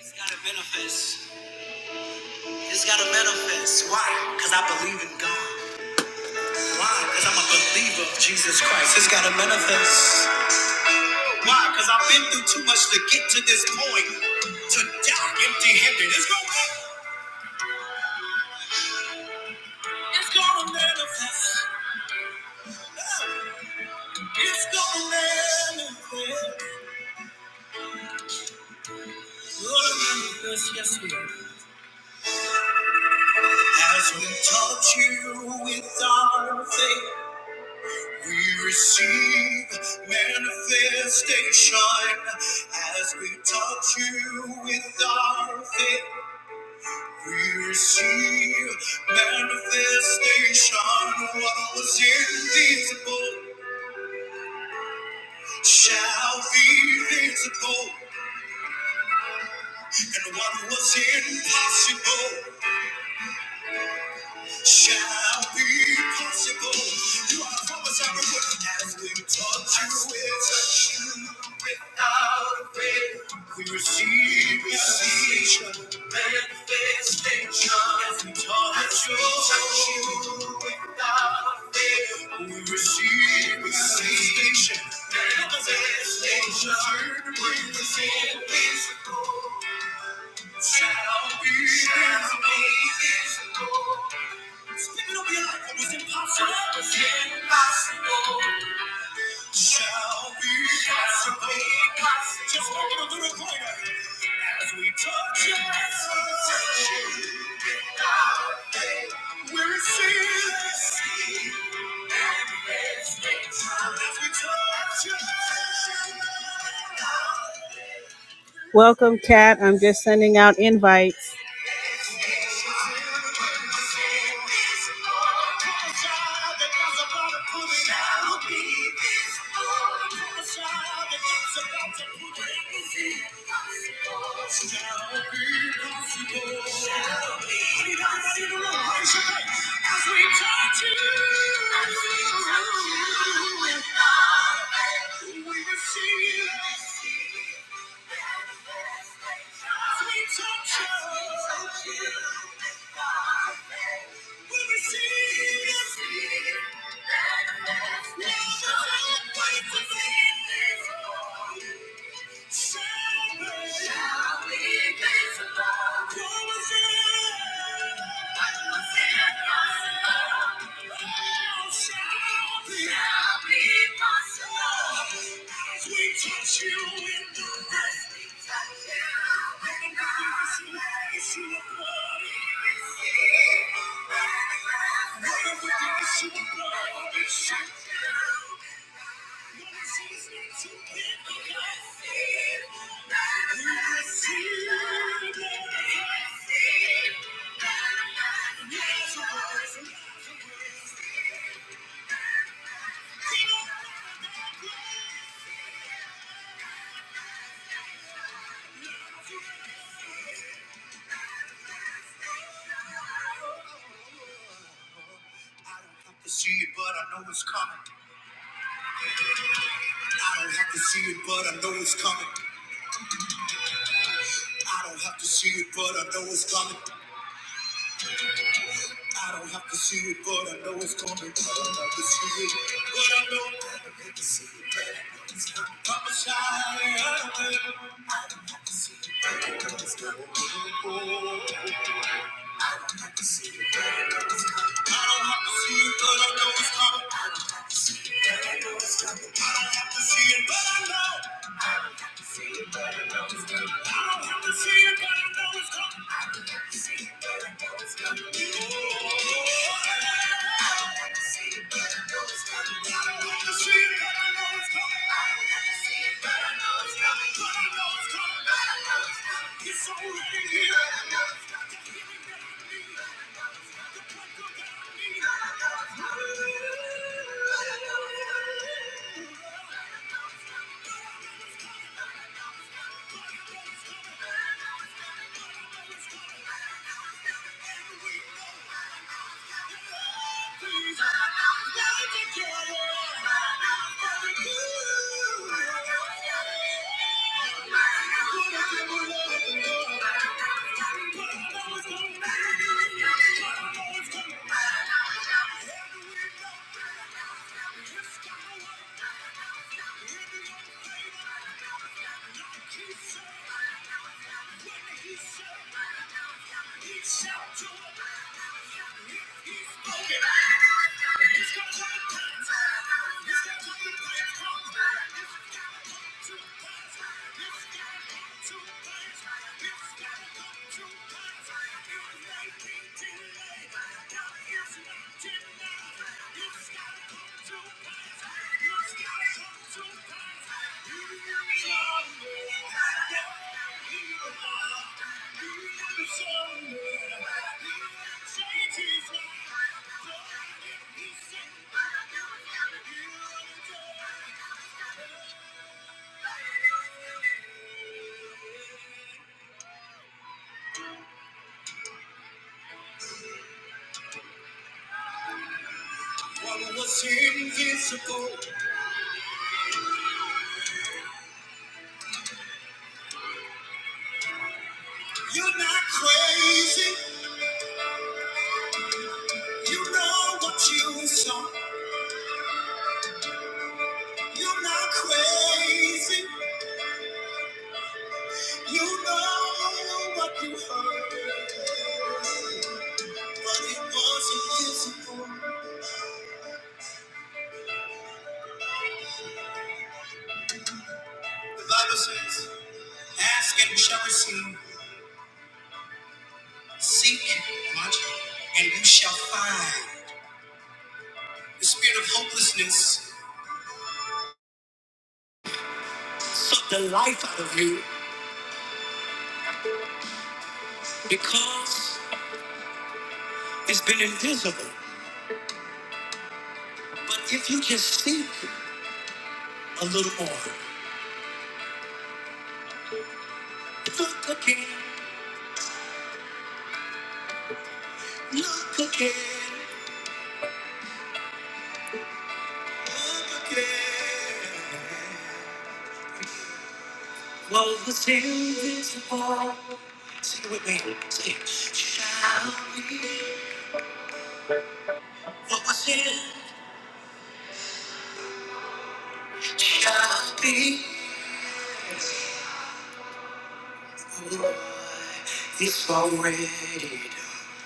It's gotta manifest. It's gotta manifest. Why? Because I believe in God. Why? Because I'm a believer of Jesus Christ. It's gotta manifest. Why? Because I've been through too much to get to this point. To die empty handed. It's gonna It's gonna manifest. It's gonna manifest. Gonna manifest, yes, Lord. As we taught you with our faith. We receive manifestation as we touch you with our faith. We receive manifestation. What was invisible shall be visible, and what was impossible. shall be possible. You are the promise I will work as we touch you will touch you without a fail. We receive manifestation, manifestation as we touch As we you. touch you without a fail. We receive manifestation, manifestation within visible shall be shall be visible. Give up your life. was impossible. was impossible. Shall be possible. Just make a little greater. As we touch it, we receive. As we touch it. Welcome, Kat. I'm just sending out invites. Shall be We receive. we receive manifestation. Touch you in the dust, touch you in the dust, See it, but I know it's coming. I don't have to see it, but I know it's coming. I don't have to see it, but I know it's coming. I don't have to see it, but I know it's coming. I don't have to see it, but I know. I don't have to see it, but I know it's coming. I'm a child. I don't have to see it, but I know it's coming. I am a i do not have to see it, but I know it's coming. See it, but I It's already here. Thank you. It's gotta come to pass. It's gotta come to what was invisible? You're not crazy. You know what you saw. You're not crazy. You know what you heard. But it wasn't his The Bible says, Ask and you shall receive. Seek, watch, and you shall find. The spirit of hopelessness sucked the life out of you because it's been invisible. But if you just seek a little more, look again. Look again, look again. What was invisible? Sing it with me. Sing it. Shall be. What was in shall be. Lord, It's already done.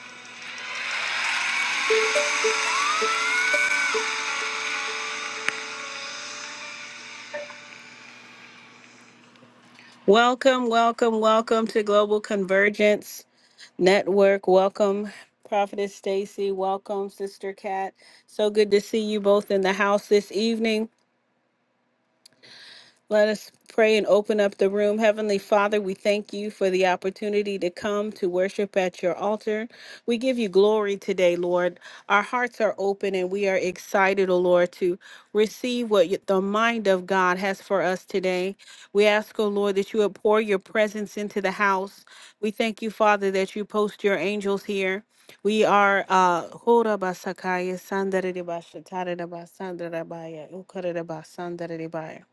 Welcome, welcome, welcome to Global Convergence Network. Welcome, Prophetess Stacy. Welcome, Sister Cat. So good to see you both in the house this evening. Let us pray and open up the room. Heavenly Father, we thank you for the opportunity to come to worship at your altar. We give you glory today, Lord. Our hearts are open and we are excited, O Lord, to receive what you- the mind of God has for us today. We ask, O Lord, that you would pour your presence into the house. We thank you, Father, that you post your angels here. We are uh Hora Basakaya Sandaridabashatarabasandarabai, Ukaridabasandarabai.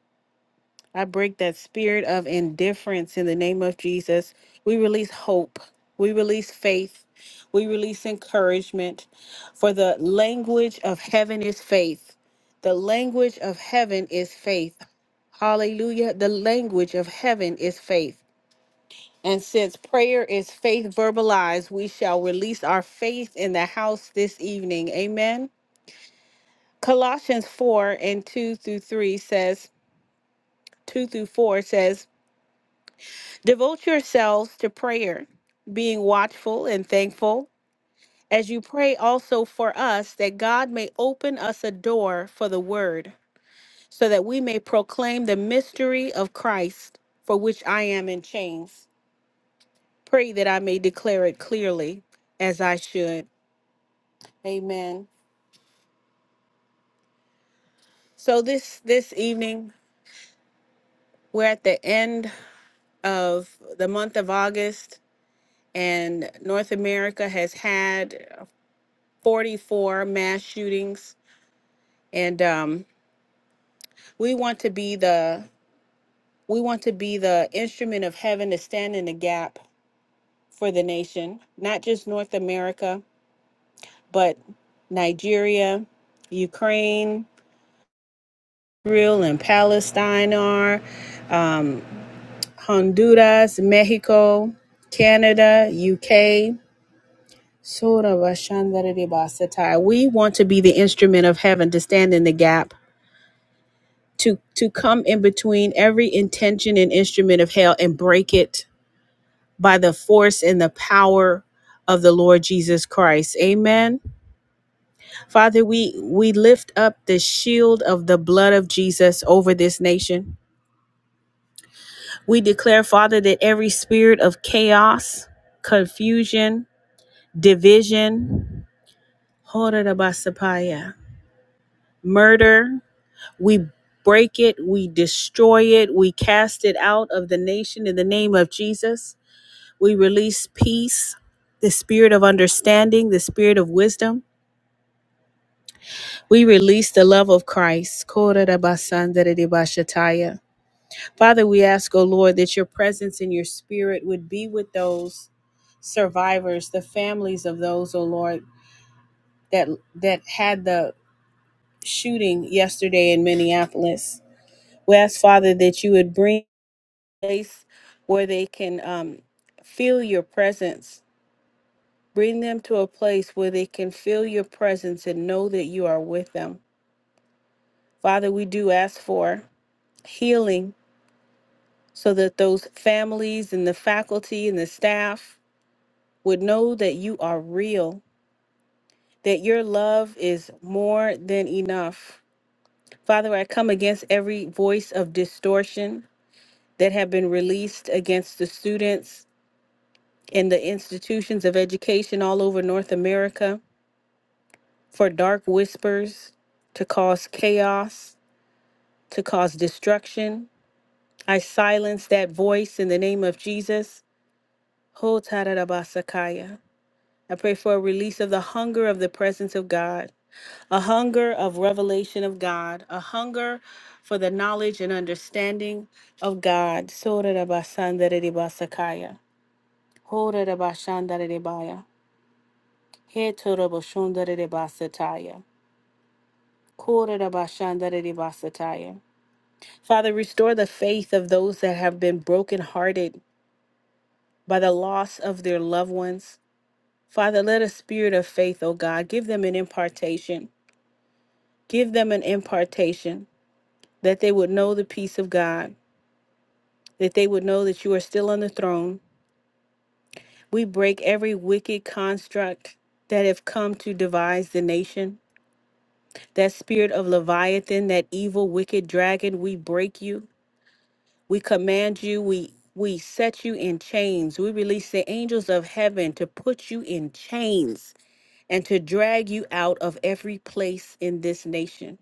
I break that spirit of indifference in the name of Jesus. We release hope. We release faith. We release encouragement. For the language of heaven is faith. The language of heaven is faith. Hallelujah. The language of heaven is faith. And since prayer is faith verbalized, we shall release our faith in the house this evening. Amen. Colossians 4 and 2 through 3 says, 2 through 4 says, Devote yourselves to prayer, being watchful and thankful, as you pray also for us that God may open us a door for the word, so that we may proclaim the mystery of Christ, for which I am in chains. Pray that I may declare it clearly as I should. Amen. So this this evening we're at the end of the month of August and North America has had 44 mass shootings and um, we want to be the we want to be the instrument of heaven to stand in the gap for the nation not just north america but nigeria ukraine israel and palestine are um, honduras mexico canada uk Sora Vashandara de Basatai. we want to be the instrument of heaven to stand in the gap to to come in between every intention and instrument of hell and break it by the force and the power of the Lord Jesus Christ. Amen. Father, we we lift up the shield of the blood of Jesus over this nation. We declare, Father, that every spirit of chaos, confusion, division, murder, we break it, we destroy it, we cast it out of the nation in the name of Jesus. We release peace, the spirit of understanding, the spirit of wisdom We release the love of Christ. Kodarabasandadidibashataya. Father, we ask, O Lord, that your presence and your spirit would be with those survivors, the families of those, O Lord, that that had the shooting yesterday in Minneapolis. We ask, Father, that you would bring a place where they can um, feel your presence. Bring them to a place where they can feel your presence and know that you are with them. Father, we do ask for healing so that those families and the faculty and the staff would know that you are real, that your love is more than enough. Father, I come against every voice of distortion that have been released against the students and the institutions of education all over North America for dark whispers to cause chaos, to cause destruction. I silence that voice in the name of Jesus. Ho tararabasakaya. I pray for a release of the hunger of the presence of God, a hunger of revelation of God, a hunger for the knowledge and understanding of God. Sorarabasandaridibasakaya, horarabashandaridibaya, hetorabashondaridibasataya, korarabashandaridibasataya. Father, restore the faith of those that have been brokenhearted by the loss of their loved ones. Father, let a spirit of faith, O God, give them an impartation. Give them an impartation that they would know the peace of God, that they would know that you are still on the throne. We break every wicked construct that have come to devise the nation. That spirit of Leviathan, that evil, wicked dragon, we break you. We command you. We we set you in chains. We release the angels of heaven to put you in chains and to drag you out of every place in this nation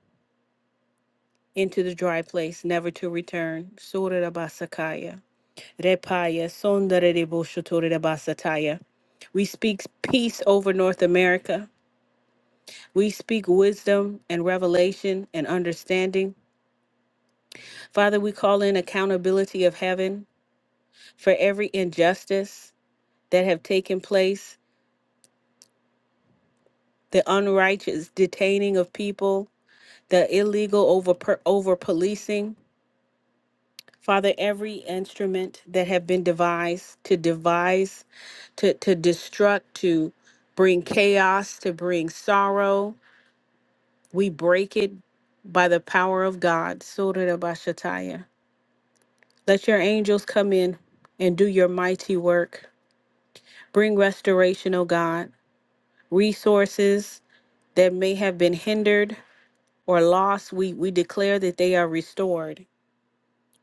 into the dry place, never to return. Surah Abasakaya. Repaya sondere de boshotore de basataya. We speak peace over North America. We speak wisdom and revelation and understanding. Father, we call in accountability of heaven for every injustice that have taken place, the unrighteous detaining of people, the illegal over over policing. Father, every instrument that have been devised to devise, to, to destruct, to bring chaos, to bring sorrow, we break it by the power of God. Surah Bashataya. Let your angels come in and do your mighty work. Bring restoration, O God. Resources that may have been hindered or lost, we, we declare that they are restored,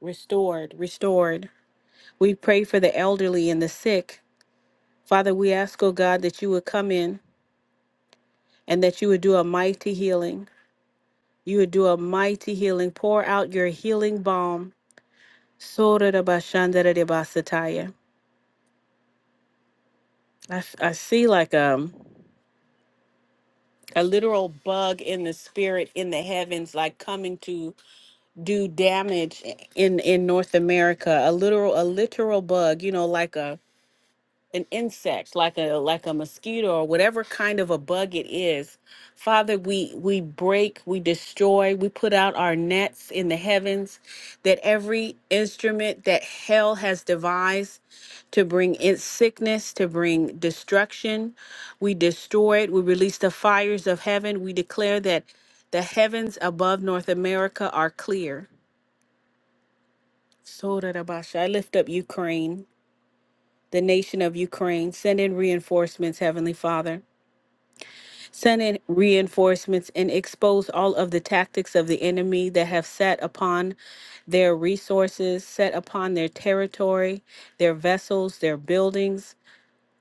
restored, restored. We pray for the elderly and the sick Father, we ask, oh God, that you would come in and that you would do a mighty healing. You would do a mighty healing. Pour out your healing balm. Sotarabashandarabasataya. I, f- I see like um a literal bug in the spirit in the heavens like coming to do damage in in north america a literal a literal bug you know like a an insect like a like a mosquito or whatever kind of a bug it is father we we break we destroy we put out our nets in the heavens that every instrument that hell has devised to bring in sickness to bring destruction we destroy it we release the fires of heaven we declare that the heavens above north america are clear so i lift up ukraine the nation of Ukraine. Send in reinforcements, Heavenly Father. Send in reinforcements and expose all of the tactics of the enemy that have set upon their resources, set upon their territory, their vessels, their buildings.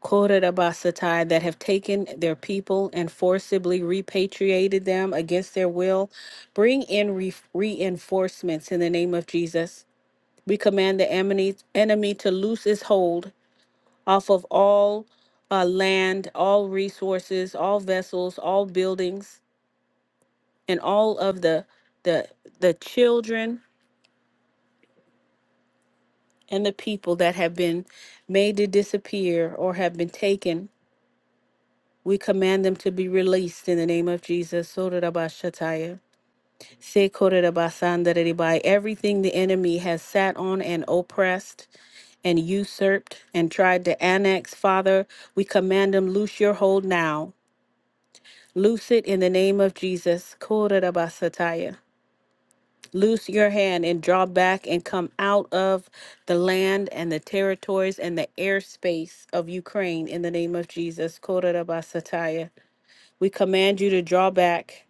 Korabasatai that have taken their people and forcibly repatriated them against their will. Bring in re- reinforcements in the name of Jesus. We command the enemy, enemy to loose his hold off of all uh, land, all resources, all vessels, all buildings, and all of the the the children and the people that have been made to disappear or have been taken. We command them to be released in the name of Jesus. Sorarabashataya, sekorerabasandareribai. Everything the enemy has sat on and oppressed and usurped and tried to annex, Father, we command them, loose your hold now Loose it in the name of Jesus. Korabasataya. Loose your hand and draw back and come out of the land and the territories and the airspace of Ukraine in the name of Jesus. Korabasataya. We command you to draw back.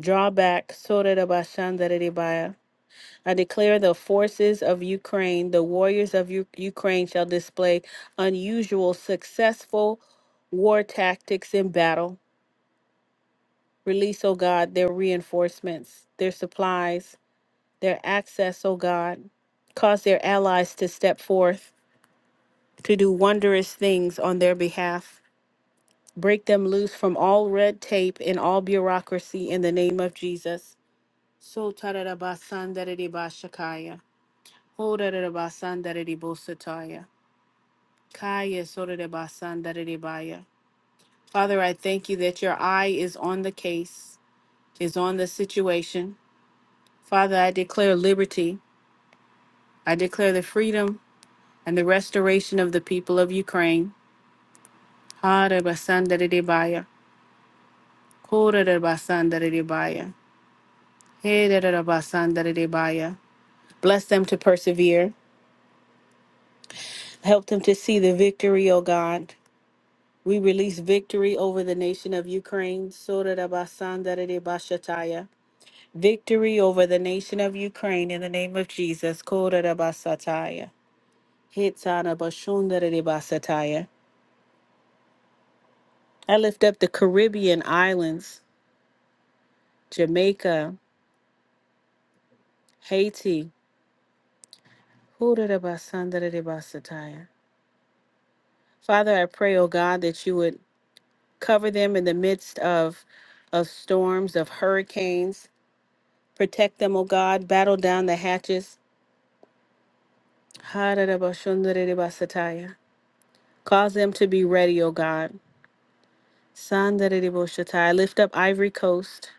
Draw back. Sorabashandaridibaya. I declare the forces of Ukraine, the warriors of U- Ukraine shall display unusual, successful war tactics in battle. Release, O God, their reinforcements, their supplies, their access, O God. Cause their allies to step forth to do wondrous things on their behalf. Break them loose from all red tape and all bureaucracy in the name of Jesus. So tararabasandadidibashakaya. Hodarabasandadidibosataya. Kaya sorarabasandadidibaya. Father, I thank you that your eye is on the case, is on the situation Father, I declare liberty. I declare the freedom and the restoration of the people of Ukraine. Hare basandaridibaya, korere basandaridibaya, hedere basandaridibaya. Bless them to persevere. Help them to see the victory, O God. We release victory over the nation of Ukraine. Sorere basandaridibashataya. Victory over the nation of Ukraine in the name of Jesus. Korere basataya. Hitana bashundaridibasataya. I lift up the Caribbean islands, Jamaica, Haiti. Hurarabasandarabastataya. Father, I pray, oh God, that you would cover them in the midst of, of storms, of hurricanes. Protect them, oh God. Battle down the hatches. Hararabashundarabastataya. Cause them to be ready, O God. Sandarabashatai. I lift up Ivory Coast.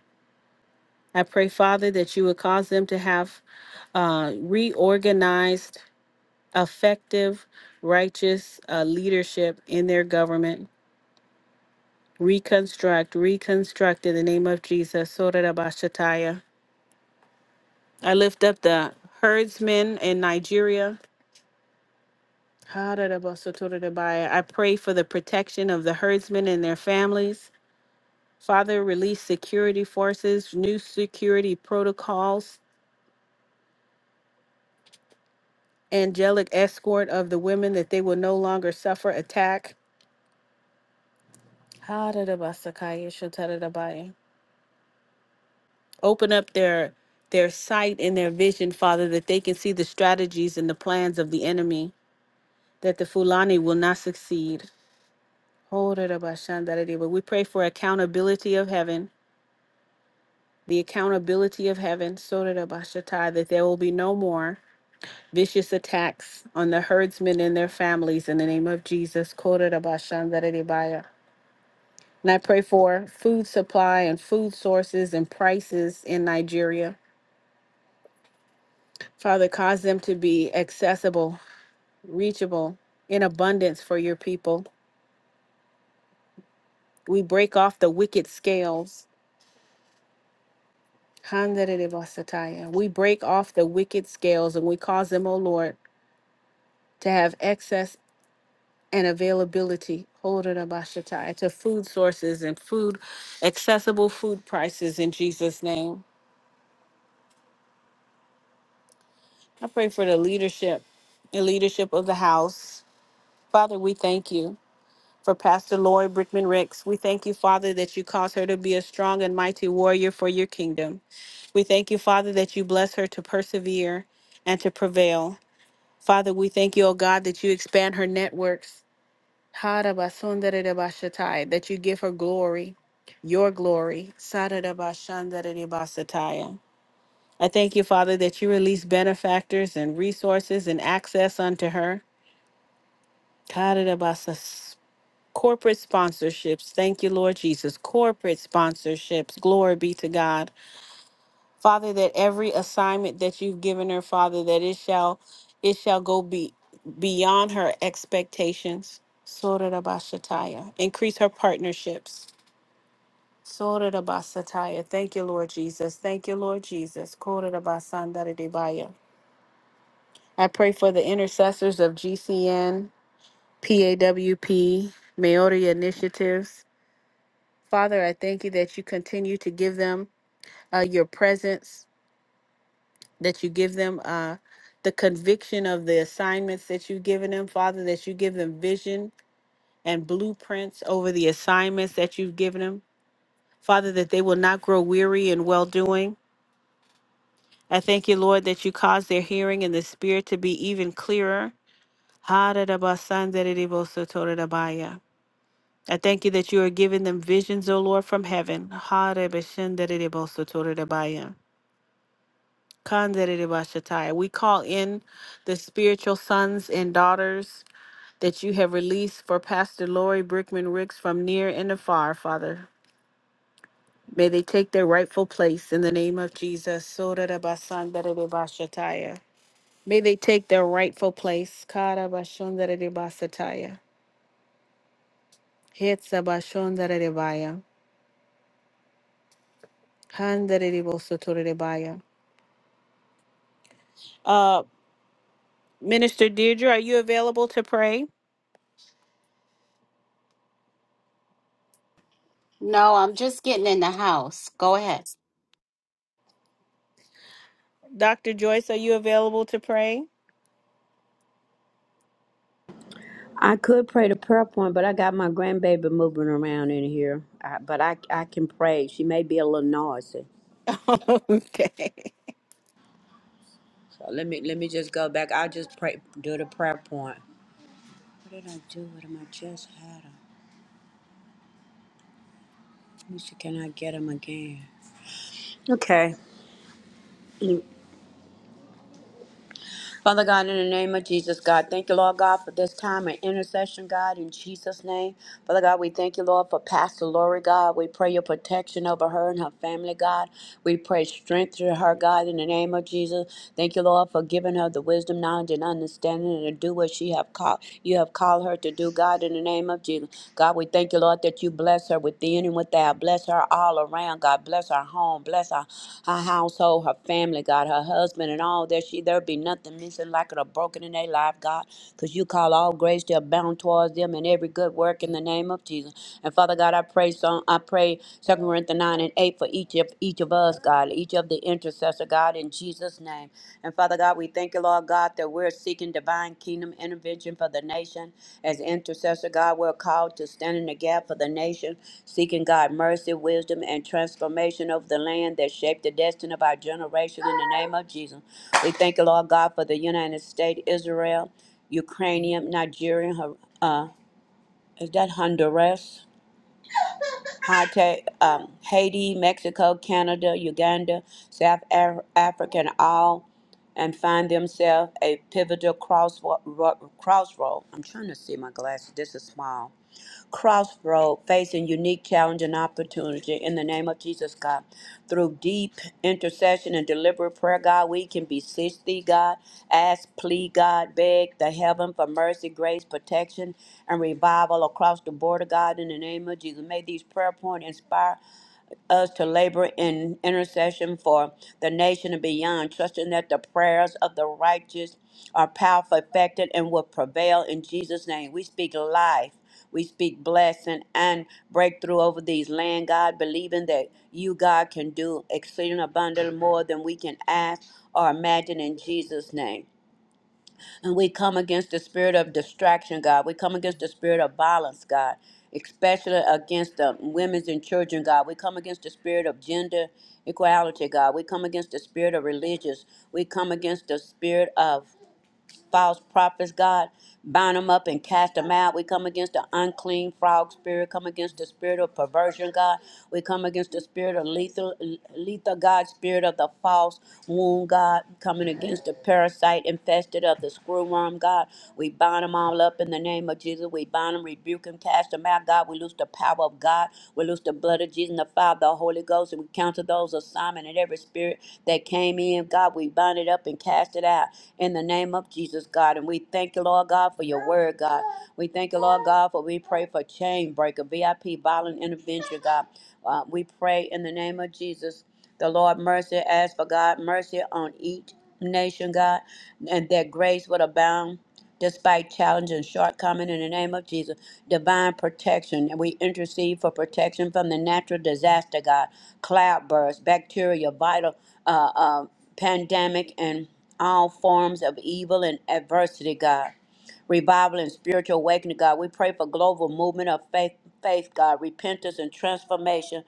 I pray, Father, that you would cause them to have uh, reorganized effective, righteous uh, leadership in their government. Reconstruct, reconstruct in the name of Jesus. Sorarabashataya. I lift up the herdsmen in Nigeria. Hararabasotorabaya. I pray for the protection of the herdsmen and their families. Father, release security forces, new security protocols, angelic escort of the women that they will no longer suffer attack. Hararabasakaya shotarabaya. open up their their sight and their vision, Father, that they can see the strategies and the plans of the enemy, that the Fulani will not succeed. Hold it up, Ashandarede. But we pray for accountability of heaven, the accountability of heaven, so that up, Ashatai, that there will be no more vicious attacks on the herdsmen and their families in the name of Jesus. Hold it up, Ashandarede Baya. And I pray for food supply and food sources and prices in Nigeria. Father, cause them to be accessible reachable in abundance for your people. We break off the wicked scales. Handaribasataya. We break off the wicked scales and we cause them, O Lord, to have excess and availability Horarabashataya, to food sources and food, accessible food prices in Jesus' name. I pray for the leadership the leadership of the house. Father, we thank you. for Pastor Lloyd Brickman Rex. We thank you, Father, that you cause her to be a strong and mighty warrior for your kingdom. We thank you, Father, that you bless her to persevere and to prevail. Father, we thank you, O God, that you expand her networks. Harabasundaridabasatai, That you give her glory, your glory. Saradabashandaridabasataya. I thank you, Father, that you release benefactors and resources and access unto her. Corporate sponsorships. Thank you, Lord Jesus. Corporate sponsorships. Glory be to God. Father, that every assignment that you've given her, Father, that it shall it shall go be beyond her expectations. Sorarabashataya. Increase her partnerships. Sorarabasataya. Thank you, Lord Jesus. Thank you, Lord Jesus. Korarabasandaridibaya. I pray for the intercessors of GCN, PAWP, Maori Initiatives. Father, I thank you that you continue to give them uh, your presence, that you give them uh, the conviction of the assignments that you've given them, Father, that you give them vision and blueprints over the assignments that you've given them, Father, that they will not grow weary in well doing. I thank you, Lord, that you cause their hearing in the spirit to be even clearer. Ha-da-da-ba-san-da-da-dee-bo-so-to-da-da-ba-ya. I thank you that you are giving them visions, O Lord, from heaven. Ha-da-ba-shin-da-da-dee-bo-so-to-da-da-ba-ya. Kanderebashatai. We call in the spiritual sons and daughters that you have released for Pastor Lori Brickman Ricks from near and afar, Father. May they take their rightful place in the name of Jesus. Sorerebasanderebashatai. May they take their rightful place. Karabashonderebasataya. Hetsabashonderebaya. Handerebosotorebaya. Uh, Minister Deirdre, are you available to pray? No, I'm just getting in the house. Go ahead. Dr. Joyce, are you available to pray? I could pray the prayer point, but I got my grandbaby moving around in here. I, but I I can pray. She may be a little noisy. okay. So let me let me just go back. I'll just pray do the prayer point. What did I do with him? I just had him. Let me see, can I get him again? Okay. Father God, in the name of Jesus, God, thank you, Lord God, for this time of intercession, God, in Jesus' name. Father God, we thank you, Lord, for Pastor Lori, God. We pray your protection over her and her family, God. We pray strength to her, God, in the name of Jesus. Thank you, Lord, for giving her the wisdom, knowledge, and understanding to do what she have called you have called her to do, God, in the name of Jesus. God, we thank you, Lord, that you bless Bless her within and without. Bless her all around, God. Bless her home. Bless her, her household, her family, God, her husband, and all that she there be nothing missing, lacking, or broken in their life, God. Because you call all grace to abound towards them and every good work in the name of Jesus. And Father God, I pray so I pray Second Corinthians nine and eight for each of each of us, God, each of the intercessor, God, in Jesus' name. And Father God, we thank you, Lord God, that we're seeking divine kingdom intervention for the nation. As intercessor, God, we're called to stand in the gap for the nation, seeking God mercy, wisdom, and transformation of the land that shaped the destiny of our generation in the name of Jesus. We thank you, Lord God, for the United States, Israel, Ukrainian, Nigerian, Hon- uh, is that Honduras? Haiti, um, Haiti, Mexico, Canada, Uganda, South Af- Africa, and all, and find themselves a pivotal crossroad. Crossroad. I'm trying to see my glasses. This is small crossroad facing unique challenge and opportunity in the name of Jesus, God. Through deep intercession and deliberate prayer, God, we can beseech thee, God, ask, plead, God, beg the heaven for mercy, grace, protection, and revival across the border, God, in the name of Jesus. May these prayer points inspire us to labor in intercession for the nation and beyond, trusting that the prayers of the righteous are powerful, effective, and will prevail in Jesus' name. We speak life. We speak blessing and breakthrough over these land, God, believing that you, God, can do exceeding abundantly more than we can ask or imagine in Jesus' name. And we come against the spirit of distraction, God. We come against the spirit of violence, God, especially against the women's and children, God. We come against the spirit of gender equality, God. We come against the spirit of religious. We come against the spirit of false prophets, God. Bind them up and cast them out. We come against the unclean frog spirit. Come against the spirit of perversion, God. We come against the spirit of lethal, lethal God, spirit of the false wound, God. Coming against the parasite infested of the screwworm, God. We bind them all up in the name of Jesus. We bind them, rebuke them, cast them out, God. We loose the loose the power of God. We loose the blood of Jesus and the Father, the Holy Ghost, and we counter those of Simon and every spirit that came in. God, we bind it up and cast it out in the name of Jesus, God. And we thank you, Lord God, for your word, God. We thank you, Lord God, for we pray for chain breaker, VIP, violent intervention, God. Uh, we pray in the name of Jesus. The Lord mercy, ask for God mercy on each nation, God, and that grace would abound despite challenge and shortcoming in the name of Jesus. Divine protection. And we intercede for protection from the natural disaster, God. Cloud bursts, bacteria, vital uh, uh, pandemic, and all forms of evil and adversity, God. Revival and spiritual awakening, God. We pray for global movement of faith, faith, God, repentance and transformation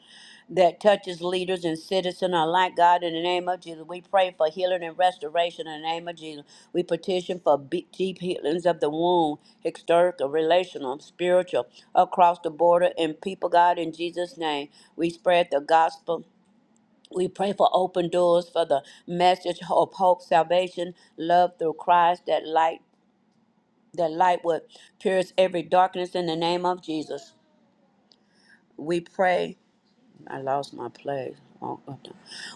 that touches leaders and citizens alike. God, in the name of Jesus, we pray for healing and restoration in the name of Jesus. We petition for be- deep healings of the wound, historical, relational, spiritual, across the border, and people, God, in Jesus' name. We spread the gospel. We pray for open doors for the message of hope, salvation, love through Christ, that light, that light would pierce every darkness in the name of Jesus. We pray. I lost my place. Oh, God.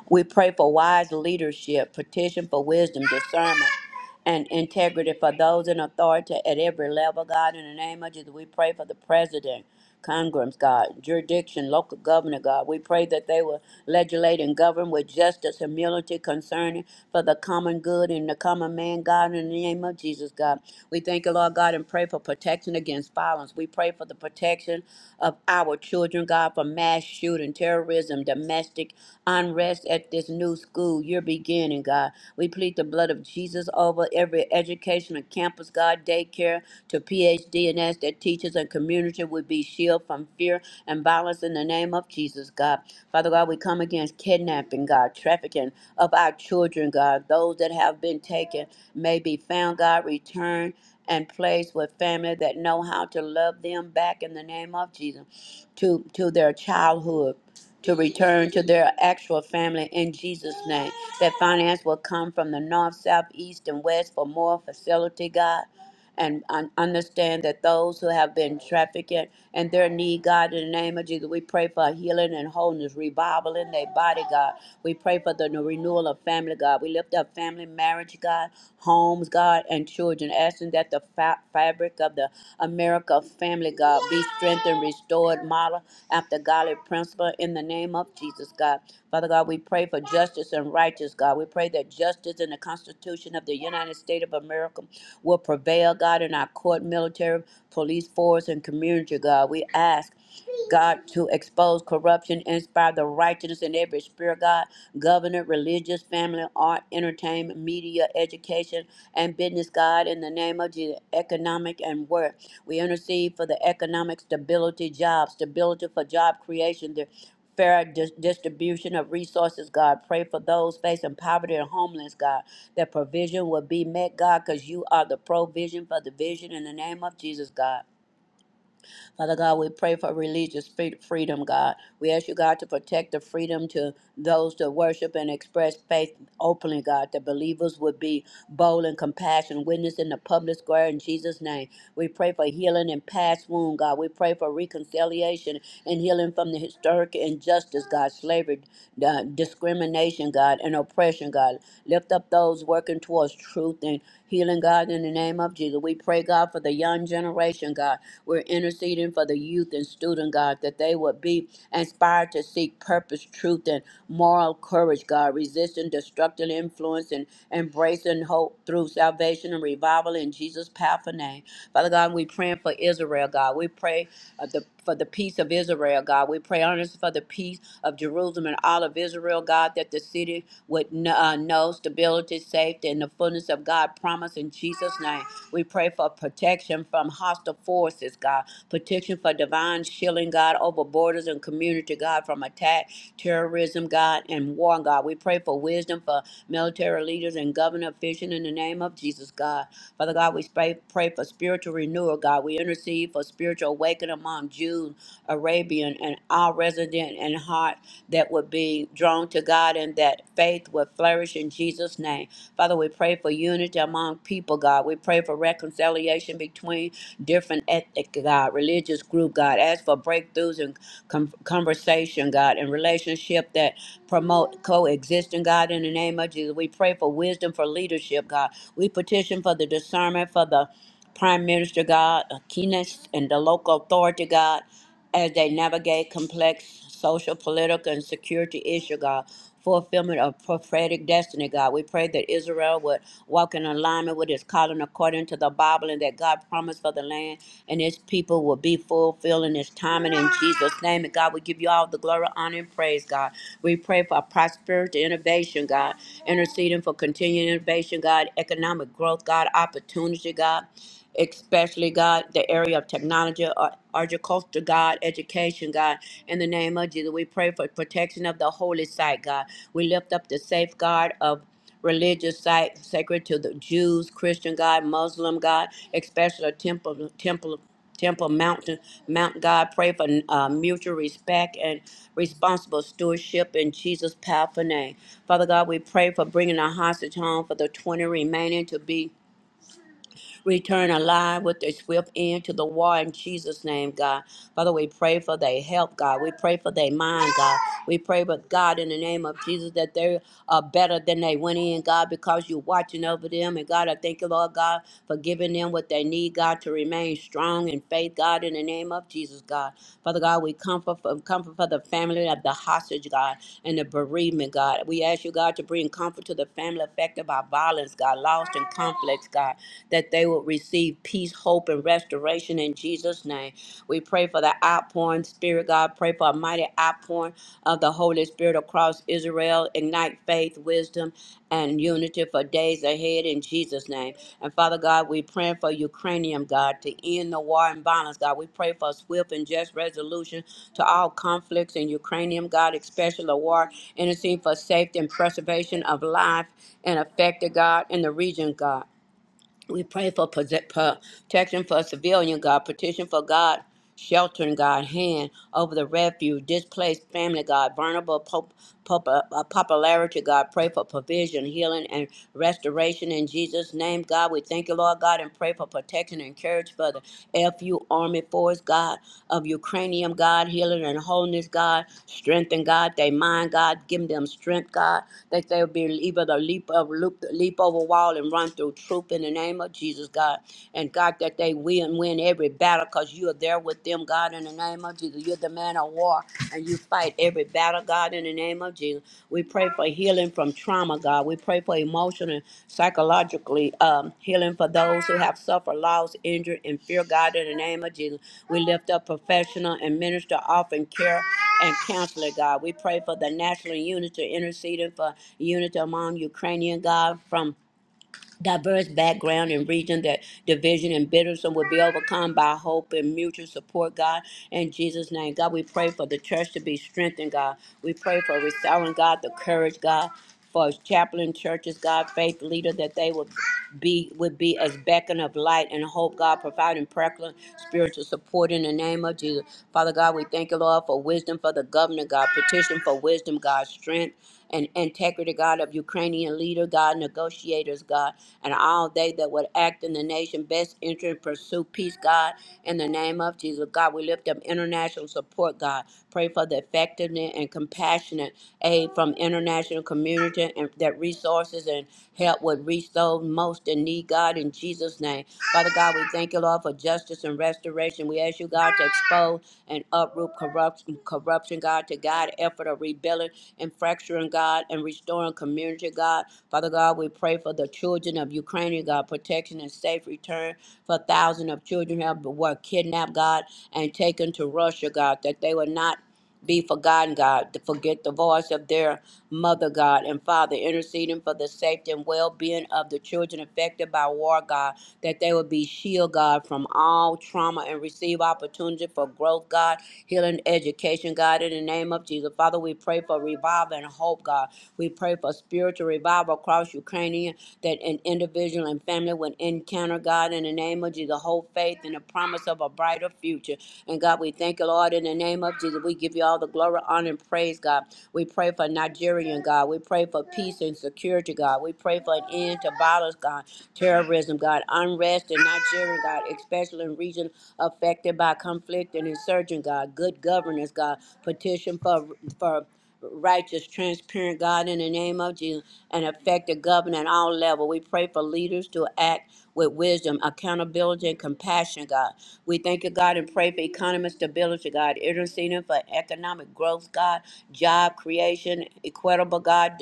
We pray for wise leadership, petition for wisdom, discernment, and integrity for those in authority at every level, God. In the name of Jesus, we pray for the president, Congress, God, jurisdiction, local governor, God. We pray that they will legislate and govern with justice, humility, concerning for the common good and the common man, God. In the name of Jesus, God. We thank you, Lord God, and pray for protection against violence. We pray for the protection of our children, God, from mass shooting shooting, terrorism, domestic unrest at this new school you're beginning, God. We plead the blood of Jesus over every educational campus, God, daycare to PhD and as that teachers and community would be shielded from fear and violence in the name of Jesus, God. Father God, we come against kidnapping, God, trafficking of our children, God. Those that have been taken may be found, God, returned and placed with family that know how to love them back in the name of Jesus to to their childhood to return to their actual family in Jesus' name. That finance will come from the north, south, east, and west for more facility, God. And un- understand that those who have been trafficked and their need, God, in the name of Jesus, we pray for healing and wholeness, revival in their body, God. We pray for the renewal of family, God. We lift up family, marriage, God, homes, God, and children, asking that the fa- fabric of the America family, God, be strengthened, restored, modeled after godly principle in the name of Jesus, God. Father God, we pray for justice and righteous, God. We pray that justice in the Constitution of the United States of America will prevail, God, in our court, military, police force, and community, God. We ask. God, to expose corruption, inspire the righteousness in every spirit, God, government, religious, family, art, entertainment, media, education, and business, God, in the name of Jesus, economic and work. We intercede for the economic stability, job stability for job creation, the fair dis- distribution of resources, God. Pray for those facing poverty and homeless, God. That provision will be met, God, because you are the provision for the vision in the name of Jesus, God. Father God, we pray for religious free- freedom, God. We ask you, God, to protect the freedom to those to worship and express faith openly, God, that believers would be bold and compassionate, witness in the public square in Jesus' name. We pray for healing and past wound, God. We pray for reconciliation and healing from the historic injustice, God, slavery, uh, discrimination, God, and oppression, God. Lift up those working towards truth and healing, God, in the name of Jesus. We pray, God, for the young generation, God. We're interceding for the youth and student, God, that they would be inspired to seek purpose, truth, and moral courage, God, resisting destructive influence and embracing hope through salvation and revival in Jesus' powerful name. Father God, we praying for Israel, God. We pray uh, the, for the peace of Israel, God. We pray earnestly for the peace of Jerusalem and all of Israel, God, that the city would kn- uh, know stability, safety, and the fullness of God promise in Jesus' name. We pray for protection from hostile forces, God. Protection for divine shielding, God, over borders and community, God, from attack, terrorism, God, and war, God. We pray for wisdom for military leaders and government officials in the name of Jesus, God. Father God, we pray, pray for spiritual renewal, God. We intercede for spiritual awakening among Jews, Arabian, and all resident and heart that would be drawn to God and that faith would flourish in Jesus' name. Father, we pray for unity among people, God. We pray for reconciliation between different ethnic, God, religious group, God. Ask for breakthroughs and com- conversation, God, and relationship that promote coexisting, God, in the name of Jesus. We pray for wisdom for leadership, God. We petition for the discernment for the Prime Minister, God, Keenest, and the local authority, God as they navigate complex social, political, and security issues, God. Fulfillment of prophetic destiny, God. We pray that Israel would walk in alignment with his calling according to the Bible and that God promised for the land and his people will be fulfilled in his time and in Jesus' name. And God, we give you all the glory, honor, and praise, God. We pray for prosperity, innovation, God. Interceding for continued innovation, God. Economic growth, God. Opportunity, God especially God, the area of technology, uh, agriculture, God, education, God. In the name of Jesus, we pray for protection of the holy site, God. We lift up the safeguard of religious site sacred to the Jews, Christian God, Muslim God, especially temple, temple, temple mountain, Mount God. Pray for uh, mutual respect and responsible stewardship in Jesus' powerful name. Father God, we pray for bringing our hostage home for the 20 remaining to be. Return alive with a swift end to the war in Jesus' name, God. Father, we pray for their help, God. We pray for their mind, God. We pray, but God, in the name of Jesus, that they are better than they went in, God, because you're watching over them. And God, I thank you, Lord God, for giving them what they need, God, to remain remain strong in faith, God, in the name of Jesus, God. Father God, we comfort for, comfort for the family of the hostage, God, and the bereavement, God. We ask you, God, to bring comfort to the family affected by violence, God, lost in conflicts, God, that they will receive peace, hope, and restoration in Jesus' name. We pray for the outpouring, Spirit God. Pray for a mighty outpouring of the Holy Spirit across Israel. Ignite faith, wisdom, and unity for days ahead in Jesus' name. And Father God, we pray for Ukrainian God to end the war and violence, God. We pray for a swift and just resolution to all conflicts in Ukrainian God, especially the war, intercede for safety and preservation of life and affected God in the region, God. We pray for protect- protection for civilian God, petition for God, sheltering God, hand over the refuge, displaced family God, vulnerable pop, pop, uh, popularity God. Pray for provision, healing, and restoration in Jesus' name, God. We thank you, Lord God, and pray for protection and courage for the FU Army Force God of Ukrainian God, healing and wholeness God, strengthen God, they mind God, give them strength God, that they'll be able to leap up, loop, leap over wall and run through through truth in the name of Jesus, God. And God, that they win, win every battle because you are there with them, God, in the name of Jesus. You're the man of war and you fight every battle, God, in the name of Jesus. We pray for healing from trauma, God. We pray for emotional and psychologically um, healing for those who have suffered loss, injured, and fear, God, in the name of Jesus. We lift up professional and minister offering care and counselor, God. We pray for the national unity, interceding for unity among Ukrainian, God, from diverse background and region that division and bitterness will be overcome by hope and mutual support, God. In Jesus' name, God, we pray for the church to be strengthened, God. We pray for restoring, God, the courage, God. For chaplain churches, God, faith leader, that they would be would be as beacon of light and hope, God, providing practical spiritual support in the name of Jesus. Father God, we thank you, Lord, for wisdom for the governor, God, petition for wisdom, God, strength and integrity, God, of Ukrainian leader, God, negotiators, God and all they that would act in the nation best interest pursue peace, God, in the name of Jesus. God, we lift up international support, God. Pray for the effectiveness and compassionate aid from international community and that resources and help would reach those most in need, God, in Jesus' name. Father God, we thank you, Lord, for justice and restoration. We ask you, God, to expose and uproot corruption, corruption, God, to guide effort of rebuilding and fracturing, God, and restoring community, God. Father God, we pray for the children of Ukraine, God, protection and safe return for thousands of children who have- were kidnapped, God, and taken to Russia, God, that they will not be forgotten, God, to forget the voice of their mother, God, and Father, interceding for the safety and well being of the children affected by war, God, that they would be shielded, God, from all trauma and receive opportunity for growth, God, healing, education, God, in the name of Jesus. Father, we pray for revival and hope, God. We pray for spiritual revival across Ukraine that an individual and family would encounter God in the name of Jesus, hold faith in the promise of a brighter future. And God, we thank you, Lord, in the name of Jesus. We give you all the glory, honor, and praise, God. We pray for Nigerian, God. We pray for peace and security, God. We pray for an end to violence, God, terrorism, God, unrest in Nigeria, God, especially in regions affected by conflict and insurgent, God, good governance, God. Petition for for righteous, transparent, God, in the name of Jesus, and effective government at all level. We pray for leaders to act with wisdom, accountability, and compassion, God. We thank you, God, and pray for economic stability, God, interceding for economic growth, God, job creation, equitable, God,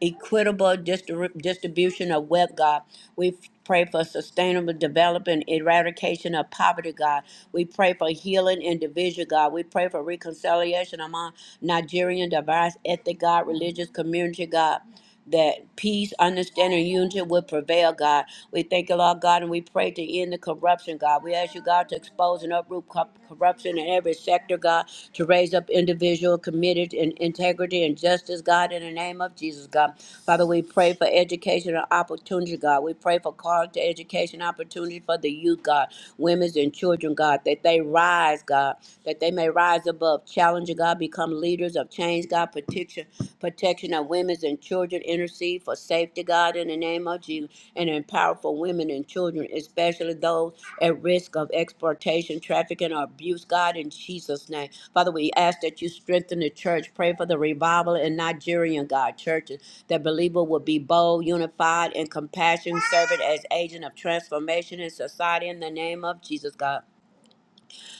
equitable distri- distribution of wealth, God. We pray for sustainable development, eradication of poverty, God. We pray for healing and division, God. We pray for reconciliation among Nigerian diverse ethnic, God, religious community, God that peace, understanding, unity will prevail, God. We thank you, Lord God, and we pray to end the corruption, God. We ask you, God, to expose and uproot co- corruption in every sector, God, to raise up individual committed in integrity and justice, God, in the name of Jesus, God. Father, we pray for educational opportunity, God. God. We pray for call to education opportunities for the youth, God, women's and children, God, that they rise, God, that they may rise above challenging, God, become leaders of change, God, protection, protection of women's and children, intercede for safety, God, in the name of Jesus, and empower for women and children, especially those at risk of exploitation, trafficking, or abuse, God, in Jesus' name. Father, we ask that you strengthen the church. Pray for the revival in Nigerian, God, churches that believer will be bold, unified, and compassion, serving as agent of transformation in society in the name of Jesus, God.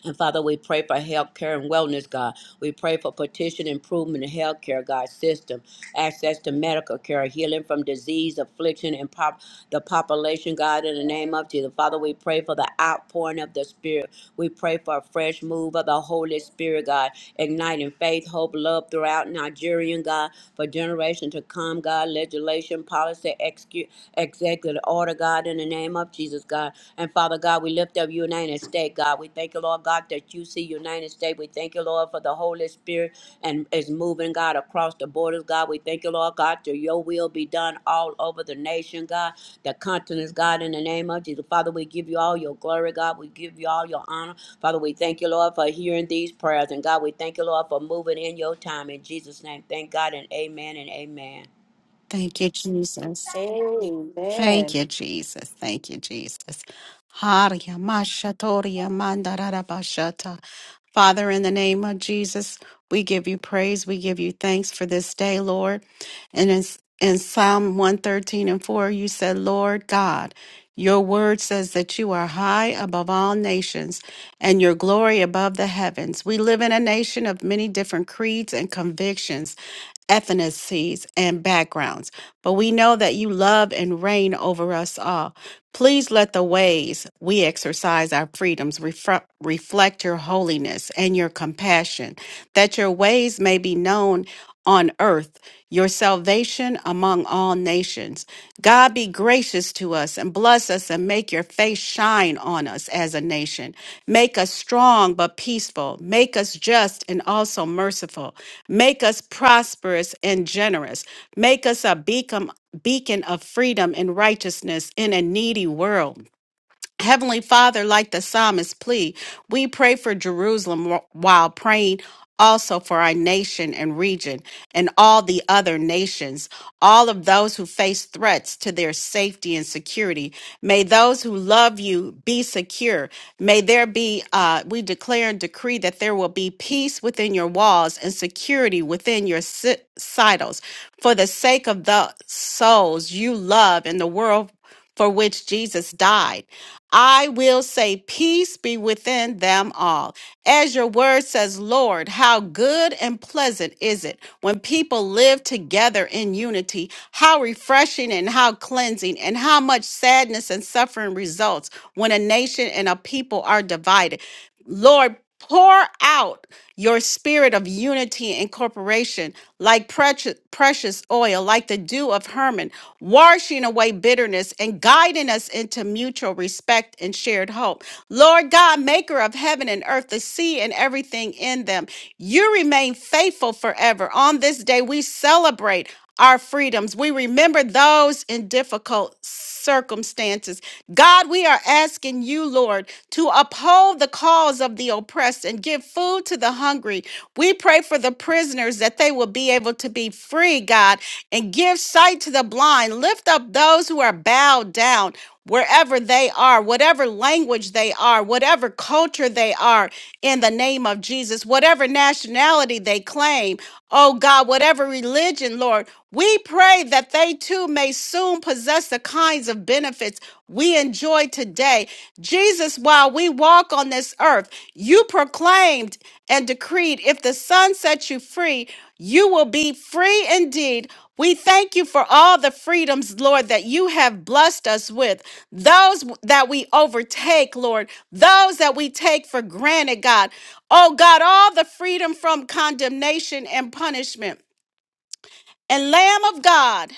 And Father, we pray for health care and wellness, God. We pray for petition improvement in health care, God, system, access to medical care, healing from disease, affliction, and pop, the population, God, in the name of Jesus. Father, we pray for the outpouring of the Spirit. We pray for a fresh move of the Holy Spirit, God, igniting faith, hope, love throughout Nigerian, God, for generations to come, God, legislation, policy, execute, executive order, God, in the name of Jesus, God. And Father God, we lift up your name States, God. We thank you, Lord God, that you see United States. We thank you, Lord, for the Holy Spirit and is moving, God, across the borders, God. We thank you, Lord God, that your will be done all over the nation, God, the continents, God, in the name of Jesus. Father, we give you all your glory, God. We give you all your honor. Father, we thank you, Lord, for hearing these prayers. And God, we thank you, Lord, for moving in your time. In Jesus' name, thank God and amen and amen. Thank you, Jesus. Thank Amen. you, Jesus. Thank you, Jesus. Haria mashatoria mandarara bashata. Father, in the name of Jesus, we give you praise. We give you thanks for this day, Lord. And in, in Psalm 113 and 4, you said, Lord God, your word says that you are high above all nations and your glory above the heavens. We live in a nation of many different creeds and convictions. ethnicities and backgrounds, but we know that you love and reign over us all. Please let the ways we exercise our freedoms refre- reflect your holiness and your compassion, that your ways may be known on earth, your salvation among all nations. God be gracious to us and bless us us and make your face shine on us as a nation. Make us strong but peaceful. Make us just and also merciful. Make us prosperous and generous. Make us a beacon, beacon of freedom and righteousness in a needy world. Heavenly Father, like the psalmist plea, we pray for Jerusalem wh- while praying also for our nation and region and all the other nations, all of those who face threats to their safety and security. May those who love you be secure. May there be, uh, we declare and decree that there will be peace within your walls and security within your si- silos for the sake of the souls you love in the world for which Jesus died. I will say, Peace be within them all. As your word says, Lord, how good and pleasant is it when people live together in unity? How refreshing and how cleansing, and how much sadness and suffering results when a nation and a people are divided. Lord, pour out your spirit of unity and corporation, like precious, precious oil, like the dew of Hermon, washing away bitterness and guiding us into mutual respect and shared hope. Lord God, maker of heaven and earth, the sea and everything in them, you remain faithful forever. On this day, we celebrate our freedoms. We remember those in difficult circumstances. God, we are asking you, Lord to uphold the cause of the oppressed and give food to the hungry. We pray for the prisoners that they will be able to be free, God, and give sight to the blind. Lift up those who are bowed down. Wherever they are, whatever language they are, whatever culture they are, in the name of Jesus, whatever nationality they claim, oh God, whatever religion, Lord, we pray that they too may soon possess the kinds of benefits we enjoy today Jesus, while we walk on this earth, you proclaimed and decreed, if the Son sets you free, you will be free indeed. We thank you for all the freedoms, Lord, that you have blessed us with. Those that we overtake, Lord, those that we take for granted, God. Oh, God, all the freedom from condemnation and punishment. And Lamb of God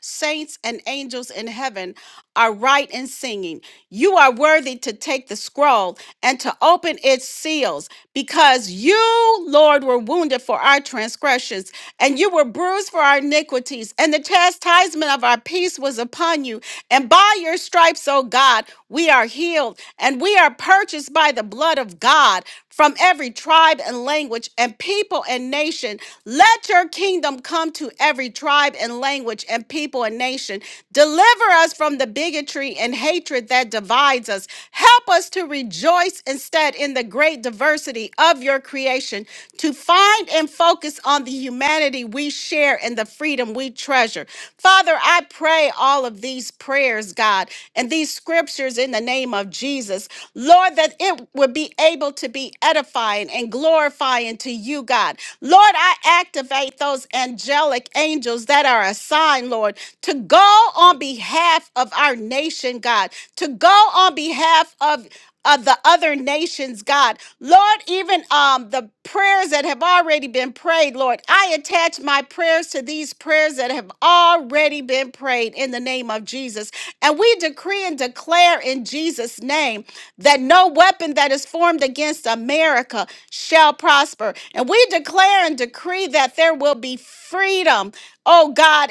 saints and angels in heaven are right in singing, You are worthy to take the scroll and to open its seals, because you, Lord, were wounded for our transgressions, and you were bruised for our iniquities, and the chastisement of our peace was upon you. And by your stripes, O God, we are healed, and we are purchased by the blood of God from every tribe and language language and people and nation. Let your kingdom come to every tribe and language and people and nation. Deliver us from the bigotry and hatred that divides us. Help us to rejoice instead in the great diversity of your creation, to find and focus on the humanity we share and the freedom we treasure. Father, I pray all of these prayers, God, and these scriptures in the name of Jesus, Lord, that it would be able to be edifying and glorifying to you, God. Lord, I activate those angelic angels that are assigned, Lord, to go on behalf of our nation, God, to go on behalf of of the other nations, God. Lord, even um, the prayers that have already been prayed, Lord, I attach my prayers to these prayers that have already been prayed in the name of Jesus. And we decree and declare in Jesus' name that no weapon that is formed against America shall prosper. And we declare and decree that there will be freedom, oh God,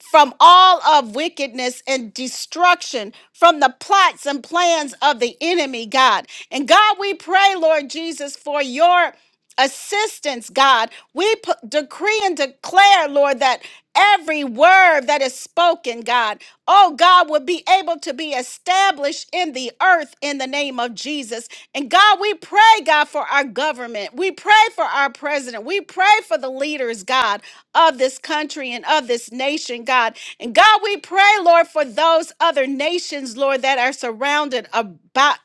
from all of wickedness and destruction, from the plots and plans of the enemy, God. And God, we pray, Lord Jesus, for your assistance, God. We p- decree and declare, Lord, that every word that is spoken, God, oh God, will be able to be established in the earth in the name of Jesus. And God, we pray, God, for our government. We pray for our president. We pray for the leaders, God of this country and of this nation, God. And God, we pray, Lord, for those other nations, Lord, that are surrounded about.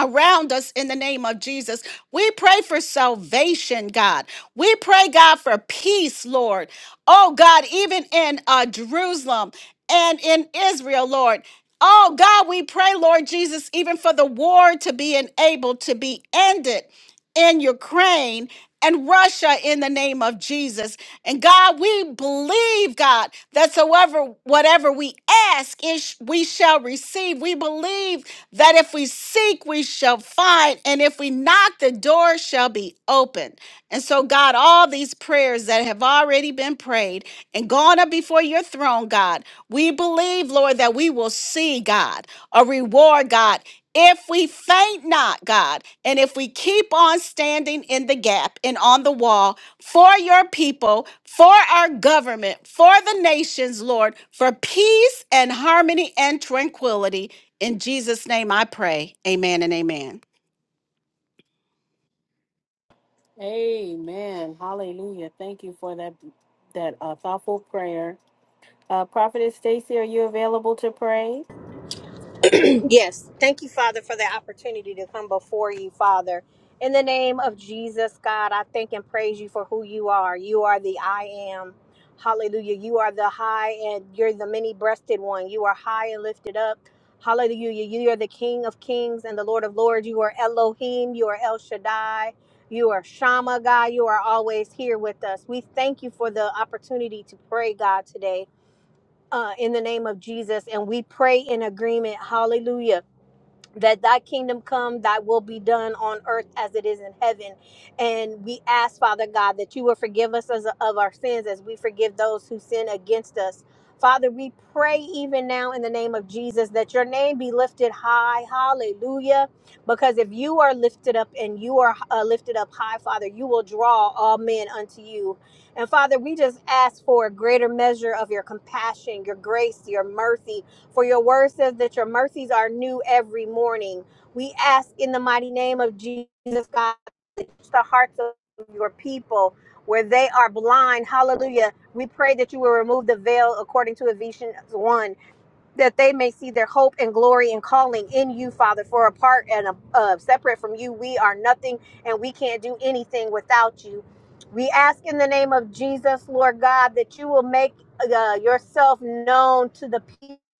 Around us in the name of Jesus. We pray for salvation, God. We pray, God, for peace, Lord. Oh, God, even in uh, Jerusalem and in Israel, Lord. Oh, God, we pray, Lord Jesus, even for the war to be enabled, to be ended in Ukraine and Russia in the name of Jesus. And God, we believe, God, that soever whatever we ask, it we shall receive. We believe that if we seek, we shall find. And if we knock, the door shall be open. And so, God, all these prayers that have already been prayed and gone up before your throne, God, we believe, Lord, that we will see, God, a reward, God. If we faint not, God, and if we keep on standing in the gap and on the wall for your people, for our government, for the nations, Lord, for peace and harmony and tranquility, in Jesus' name I pray. Amen and amen. Amen. Hallelujah. Thank you for that that uh, thoughtful prayer. Uh, Prophetess Stacy, are you available to pray? Yes. Thank you, Father, for the opportunity to come before you, Father. In the name of Jesus, God, I thank and praise you for who you are. You are the I am. Hallelujah. You are the high and you're the many breasted one. You are high and lifted up. Hallelujah. You are the King of kings and the Lord of lords. You are Elohim. You are El Shaddai. You are Shama, God. You are always here with us. We thank you for the opportunity to pray, God, today uh, in the name of Jesus. And we pray in agreement. Hallelujah that thy kingdom come, thy will be done on earth as it is in heaven. And we ask, Father God, that you will forgive us as of our sins as we forgive those who sin against us. Father, we pray even now in the name of Jesus that your name be lifted high. Hallelujah. Because if you are lifted up and you are uh, lifted up high, Father, you will draw all men unto you. And Father, we just ask for a greater measure of your compassion, your grace, your mercy, for your word says that your mercies are new every morning. We ask in the mighty name of Jesus, God, touch the hearts of your people where they are blind. Hallelujah. We pray that you will remove the veil according to Ephesians 1, that they may see their hope and glory and calling in you, Father. For apart and uh, separate from you, we are nothing and we can't do anything without you. We ask in the name of Jesus, Lord God, that you will make uh, yourself known to the people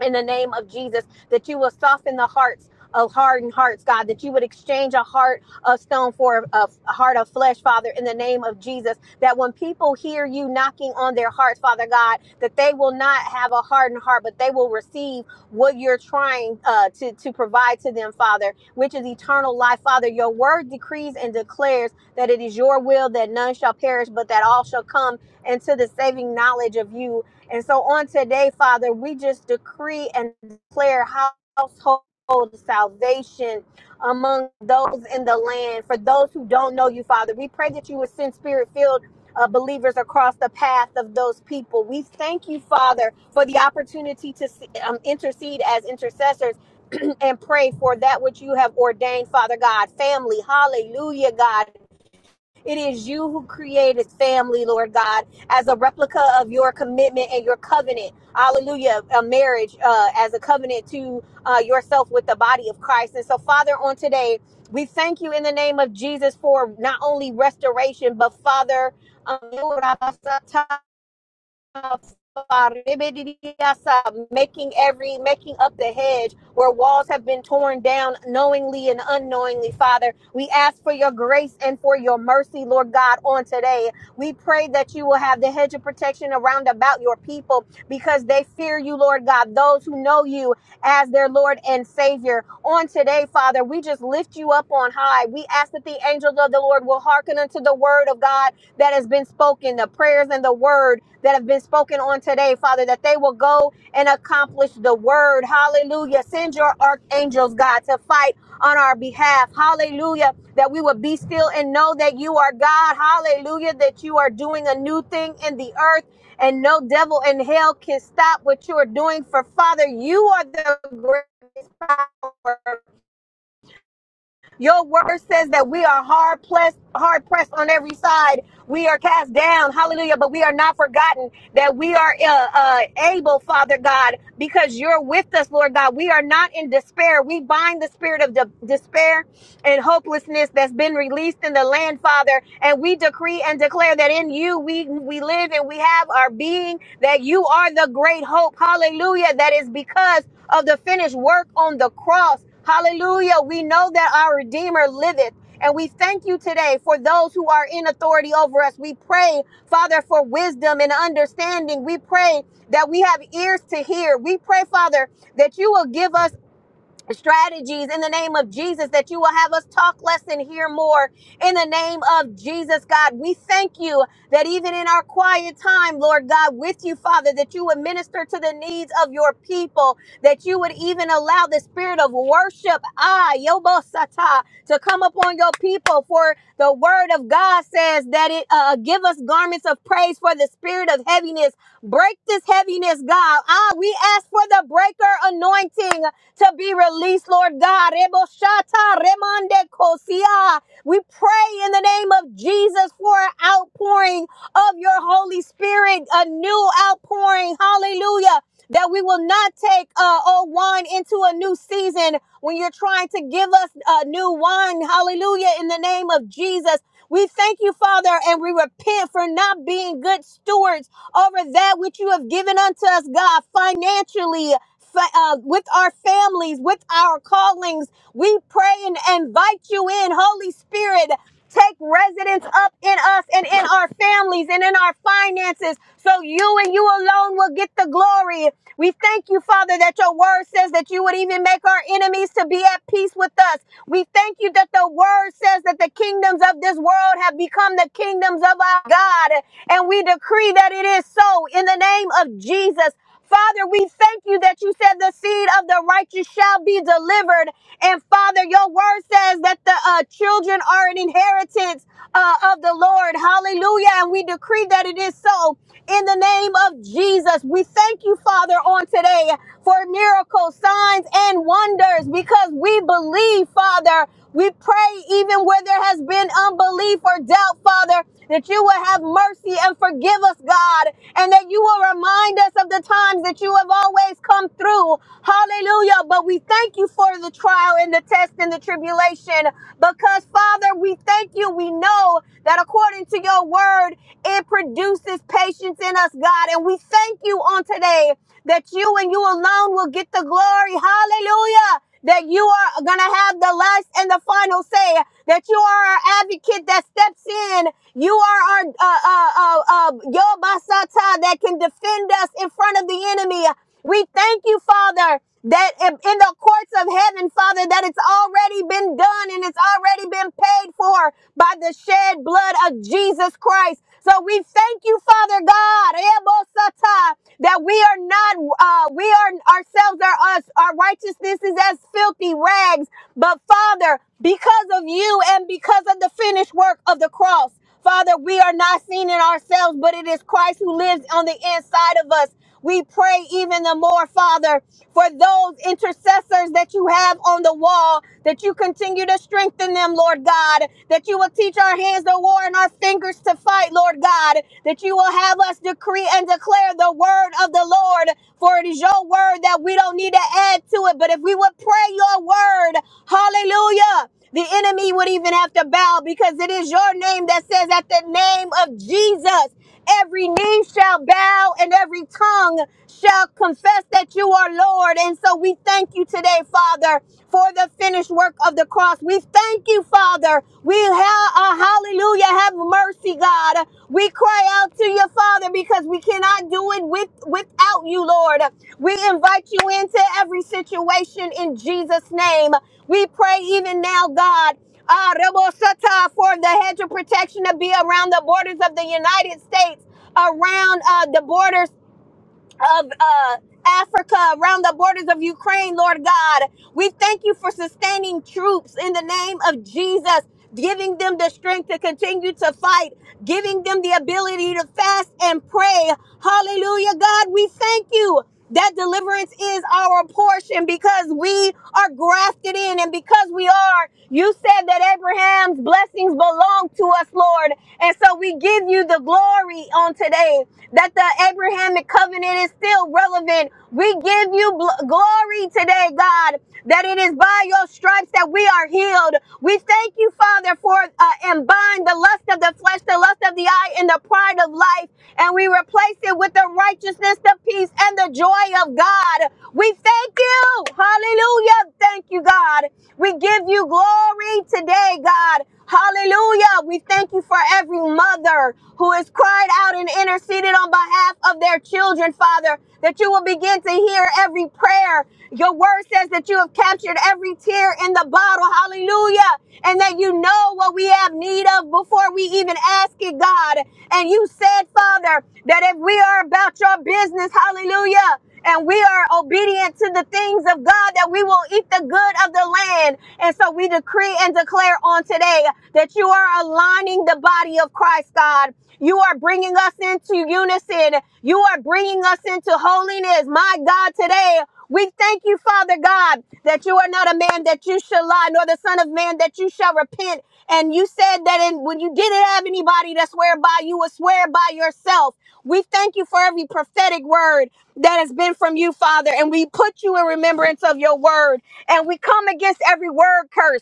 in the name of Jesus, that you will soften the hearts of hardened hearts, God, that you would exchange a heart of stone for a, a heart of flesh, Father, in the name of Jesus. That when people hear you knocking on their hearts, Father God, that they will not have a hardened heart, but they will receive what you're trying uh, to, to provide to them, Father, which is eternal life. Father, your word decrees and declares that it is your will that none shall perish, but that all shall come into the saving knowledge of you, and so on today, Father, we just decree and declare household salvation among those in the land. For those who don't know you, Father, we pray that you would send spirit filled. Uh, believers across the path of those people. We thank you, Father, for the opportunity to um, intercede as intercessors and pray for that which you have ordained, Father God. Family, hallelujah, God. It is you who created family, Lord God, as a replica of your commitment and your covenant. Hallelujah. A marriage uh, as a covenant to uh, yourself with the body of Christ. And so, Father, on today, we thank you in the name of Jesus for not only restoration, but Father, um, making every making up the hedge where walls have been torn down knowingly and unknowingly father we ask for your grace and for your mercy lord god on today we pray that you will have the hedge of protection around about your people because they fear you lord god those who know you as their lord and savior on today father we just lift you up on high we ask that the angels of the lord will hearken unto the word of god that has been spoken, the prayers and the word that have been spoken on today, Father, that they will go and accomplish the word. Hallelujah. Send your archangels, God, to fight on our behalf. Hallelujah. That we would be still and know that you are God. Hallelujah. That you are doing a new thing in the earth and no devil in hell can stop what you are doing. For Father, you are the greatest power. Your word says that we are hard pressed, hard pressed on every side. We are cast down, hallelujah, but we are not forgotten that we are uh, uh, able, Father God, because you're with us, Lord God. We are not in despair. We bind the spirit of de- despair and hopelessness that's been released in the land, Father, and we decree and declare that in you we, we live live and we have our being, that you are the great hope. Hallelujah. That is because of the finished work on the cross. Hallelujah. We know that our Redeemer liveth. And we thank you today for those who are in authority over us. We pray, Father, for wisdom and understanding. We pray that we have ears to hear. We pray, Father, that you will give us strategies in the name of Jesus that you will have us talk less and hear more in the name of Jesus, God. We thank you that even in our quiet time, Lord God, with you, Father, that you would minister to the needs of your people, that you would even allow the spirit of worship, ah, yobosata, to come upon your people. For the word of God says that it uh, give us garments of praise for the spirit of heaviness. Break this heaviness, God. Ah, we ask for the breaker anointing to be released, Lord God. Reboshata remande kosia. We pray in the name of Jesus for an outpouring of your Holy Spirit, a new outpouring. Hallelujah. That we will not take uh, old wine into a new season when you're trying to give us uh, new wine. Hallelujah. In the name of Jesus. We thank you, Father, and we repent for not being good stewards over that which you have given unto us, God, financially. fa- uh, with our families, with our callings, we pray and invite you in, Holy Spirit take residence up in us and in our families and in our finances. So you and you alone will get the glory. We thank you, Father, that your word says that you would even make our enemies to be at peace with us. We thank you that the word says that the kingdoms of this world have become the kingdoms of our God. And we decree that it is so in the name of Jesus. Father, we thank you that you said the seed of the righteous shall be delivered. And Father, your word says that the uh, children are an inheritance uh, of the Lord. Hallelujah. And we decree that it is so in the name of Jesus. We thank you, Father, on today for miracles, signs, and wonders because we believe, Father. We pray even where there has been unbelief or doubt, Father, that you will have mercy and forgive us, God, and that you will remind us of the times that you have always come through. Hallelujah. But we thank you for the trial and the test and the tribulation because, Father, we thank you. We know that according to your word, it produces patience in us us, God. And we thank you on today that you and you alone will get the glory. Hallelujah. That you are going to have the last and the final say. That you are our advocate that steps in. You are our uh, uh, uh, uh, Yobasata that can defend us in front of the enemy. We thank you, Father, that in in the courts of heaven, Father, that it's already been done and it's already been paid for by the shed blood of Jesus Christ. So we thank you, Father God, Ebosata, that we are not, uh, we are ourselves are us. Our righteousness is as filthy rags. But Father, because of you and because of the finished work of the cross, Father, we are not seen in ourselves, but it is Christ who lives on the inside of us. We pray even the more, Father, for those intercessors that you have on the wall, that you continue to strengthen them, Lord God, that you will teach our hands to war and our fingers to fight, Lord God, that you will have us decree and declare the word of the Lord, for it is your word that we don't need to add to it. But if we would pray your word, hallelujah. The enemy would even have to bow because it is your name that says, at the name of Jesus. Every knee shall bow and every tongue shall confess that you are Lord. And so we thank you today, Father, for the finished work of the cross. We thank you, Father. We have uh, hallelujah. Have mercy, God. We cry out to you, Father, because we cannot do it with without you, Lord. We invite you into every situation in Jesus' name. We pray even now, God uh, Rebosata for the hedge of protection to be around the borders of the United States, around uh, the borders of uh, Africa, around the borders of Ukraine, Lord God. We thank you for sustaining troops in the name of Jesus, giving them the strength to continue to fight, giving them the ability to fast and pray. Hallelujah, God. We thank you. That deliverance is our portion because we are grafted in and because we are. You said that Abraham's blessings belong to us, Lord. And so we give you the glory glory on today that the Abrahamic covenant is still relevant. We give you bl- glory today, God, that it is by your stripes that we are healed. We thank you, Father, for uh, and bind the lust of the flesh, the lust of the eye, and the pride of life, and we replace it with the righteousness, the peace, and the joy of God. We thank you. Hallelujah. Thank you, God. We give you glory today, God. Hallelujah. We thank you for every mother who has cried out and interceded on behalf of their children, Father, that you will begin to hear every prayer. Your word says that you have captured every tear in the bottle. Hallelujah. And that you know what we have need of before we even ask it, God. And you said, Father, that if we are about your business, hallelujah, and we are obedient to the things of God that we will eat the good of the land. And so we decree and declare on today that you are aligning the body of Christ, God. You are bringing us into unison. You are bringing us into holiness. My God, today we thank you, Father God, that you are not a man that you shall lie, nor the Son of Man that you shall repent. And you said that in, when you didn't have anybody to swear by, you would swear by yourself. We thank you for every prophetic word that has been from you, Father, and we put you in remembrance of your word. And we come against every word curse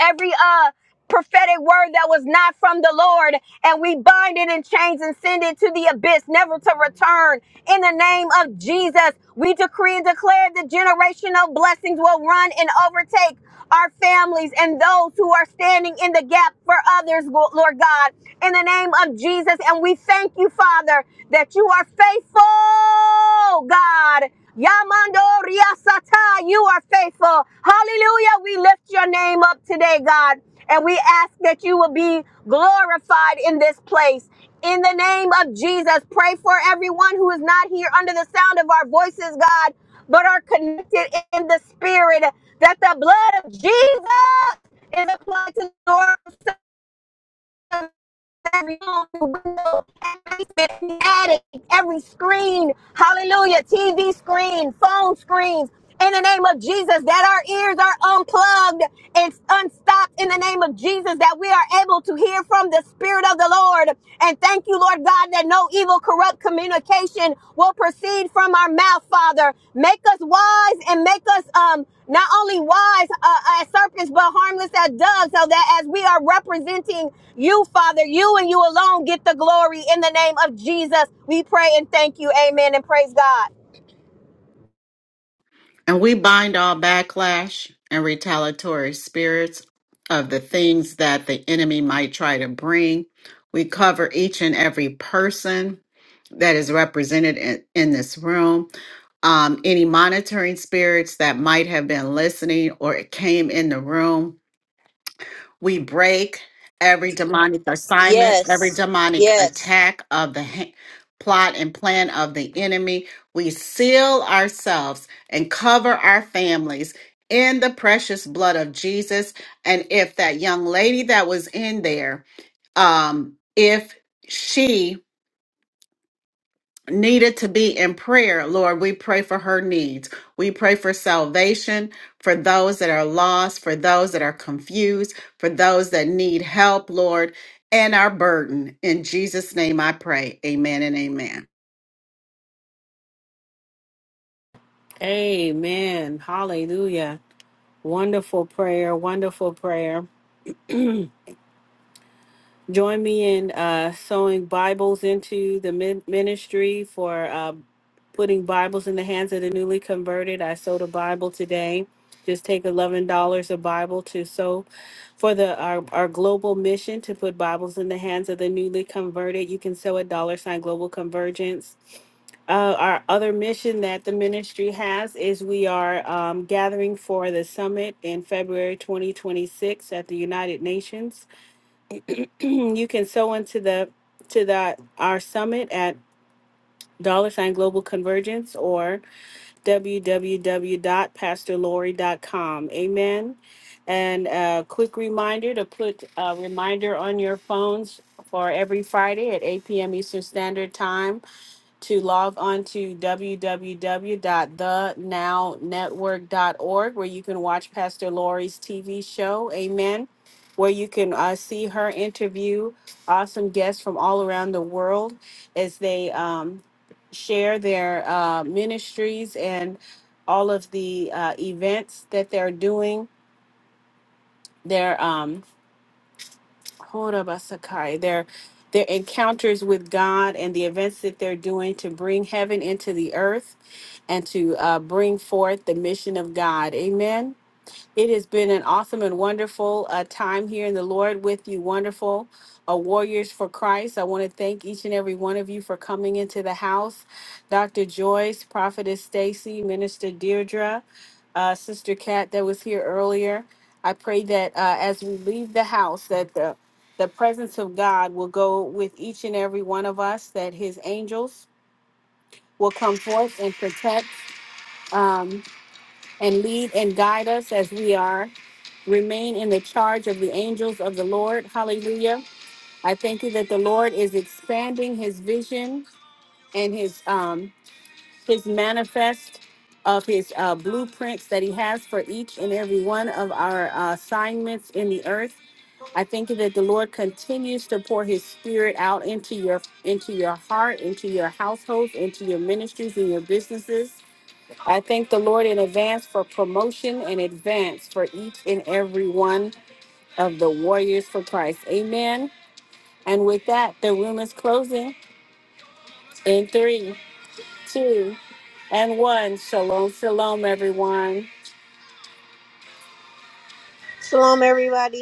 every uh prophetic word that was not from the Lord, and we bind it in chains and send it to the abyss, never to return. In the name of Jesus, we decree and declare the generational blessings will run and overtake our families and those who are standing in the gap for others, Lord God, in the name of Jesus. And we thank you, Father, that you are faithful, God. Yamando Riasata, you are faithful. Hallelujah. We lift your name up today, God, and we ask that you will be glorified in this place. In the name of Jesus, pray for everyone who is not here under the sound of our voices, God, but are connected in the spirit, that the blood of Jesus is applied to the Lord every room, window, every attic, every screen. Hallelujah. TV screen, phone screens. In the name of Jesus, that our ears are unplugged and unstopped in the name of Jesus, that we are able to hear from the Spirit of the Lord. And thank you, Lord God, that no evil corrupt communication will proceed from our mouth, Father. Make us wise and make us um not only wise uh, as serpents, but harmless as doves, so that as we are representing you, Father, you and you alone get the glory in the name of Jesus. We pray and thank you. Amen and praise God. And we bind all backlash and retaliatory spirits of the things that the enemy might try to bring. We cover each and every person that is represented in, in this room. Um, any monitoring spirits that might have been listening or came in the room We break every demonic assignment, every Yes. demonic Yes. attack of the ha- plot and plan of the enemy. We seal ourselves and cover our families in the precious blood of Jesus. And if that young lady that was in there, um, if she needed to be in prayer, Lord, we pray for her needs. We pray for salvation for those that are lost, for those that are confused, for those that need help, Lord, and our burden. In Jesus' name I pray. Amen and amen. Amen. Hallelujah. Wonderful prayer. Wonderful prayer. Join me in uh, sowing Bibles into the min- ministry for. putting Bibles in the hands of the newly converted. I sold a Bible today. Just take eleven dollars a Bible to sow for the our, our global mission to put Bibles in the hands of the newly converted. You can sow a dollar sign global convergence. Uh, our other mission that the ministry has is we are um, gathering for the summit in February 2026 at the United Nations. you can sow into the to the our summit at dollar sign global convergence or www.pastorlori.com. Amen. And a quick reminder to put a reminder on your phones for every Friday at 8 p.m. Eastern Standard Time to log on to w w w dot the now network dot org, where you can watch Pastor Lori's TV show, Amen, where you can uh, see her interview awesome guests from all around the world as they um, share their uh, ministries and all of the uh, events that they're doing. Their um, Horabasakai, their their encounters with God and the events that they're doing to bring heaven into the earth and to uh, bring forth the mission of God. Amen. It has been an awesome and wonderful uh, time here in the Lord with you, wonderful uh, warriors for Christ. I want to thank each and every one of you for coming into the house. Dr. Joyce, Prophetess Stacy, Minister Deirdre, uh, Sister Kat that was here earlier. I pray that uh, as we leave the house, that the the presence of God will go with each and every one of us. That His angels will come forth and protect. Um, and lead and guide us as we are. Remain in the charge of the angels of the Lord. Hallelujah. I thank you that the Lord is expanding his vision and his um his manifest of his uh, blueprints that he has for each and every one of our uh, assignments in the earth. I thank you that the Lord continues to pour his spirit out into your into your heart, into your households, into your ministries and your businesses. I thank the Lord in advance for promotion and advance for each and every one of the warriors for Christ. Amen. And with that, the room is closing in three, two, and one. Shalom, shalom, everyone. Shalom, everybody.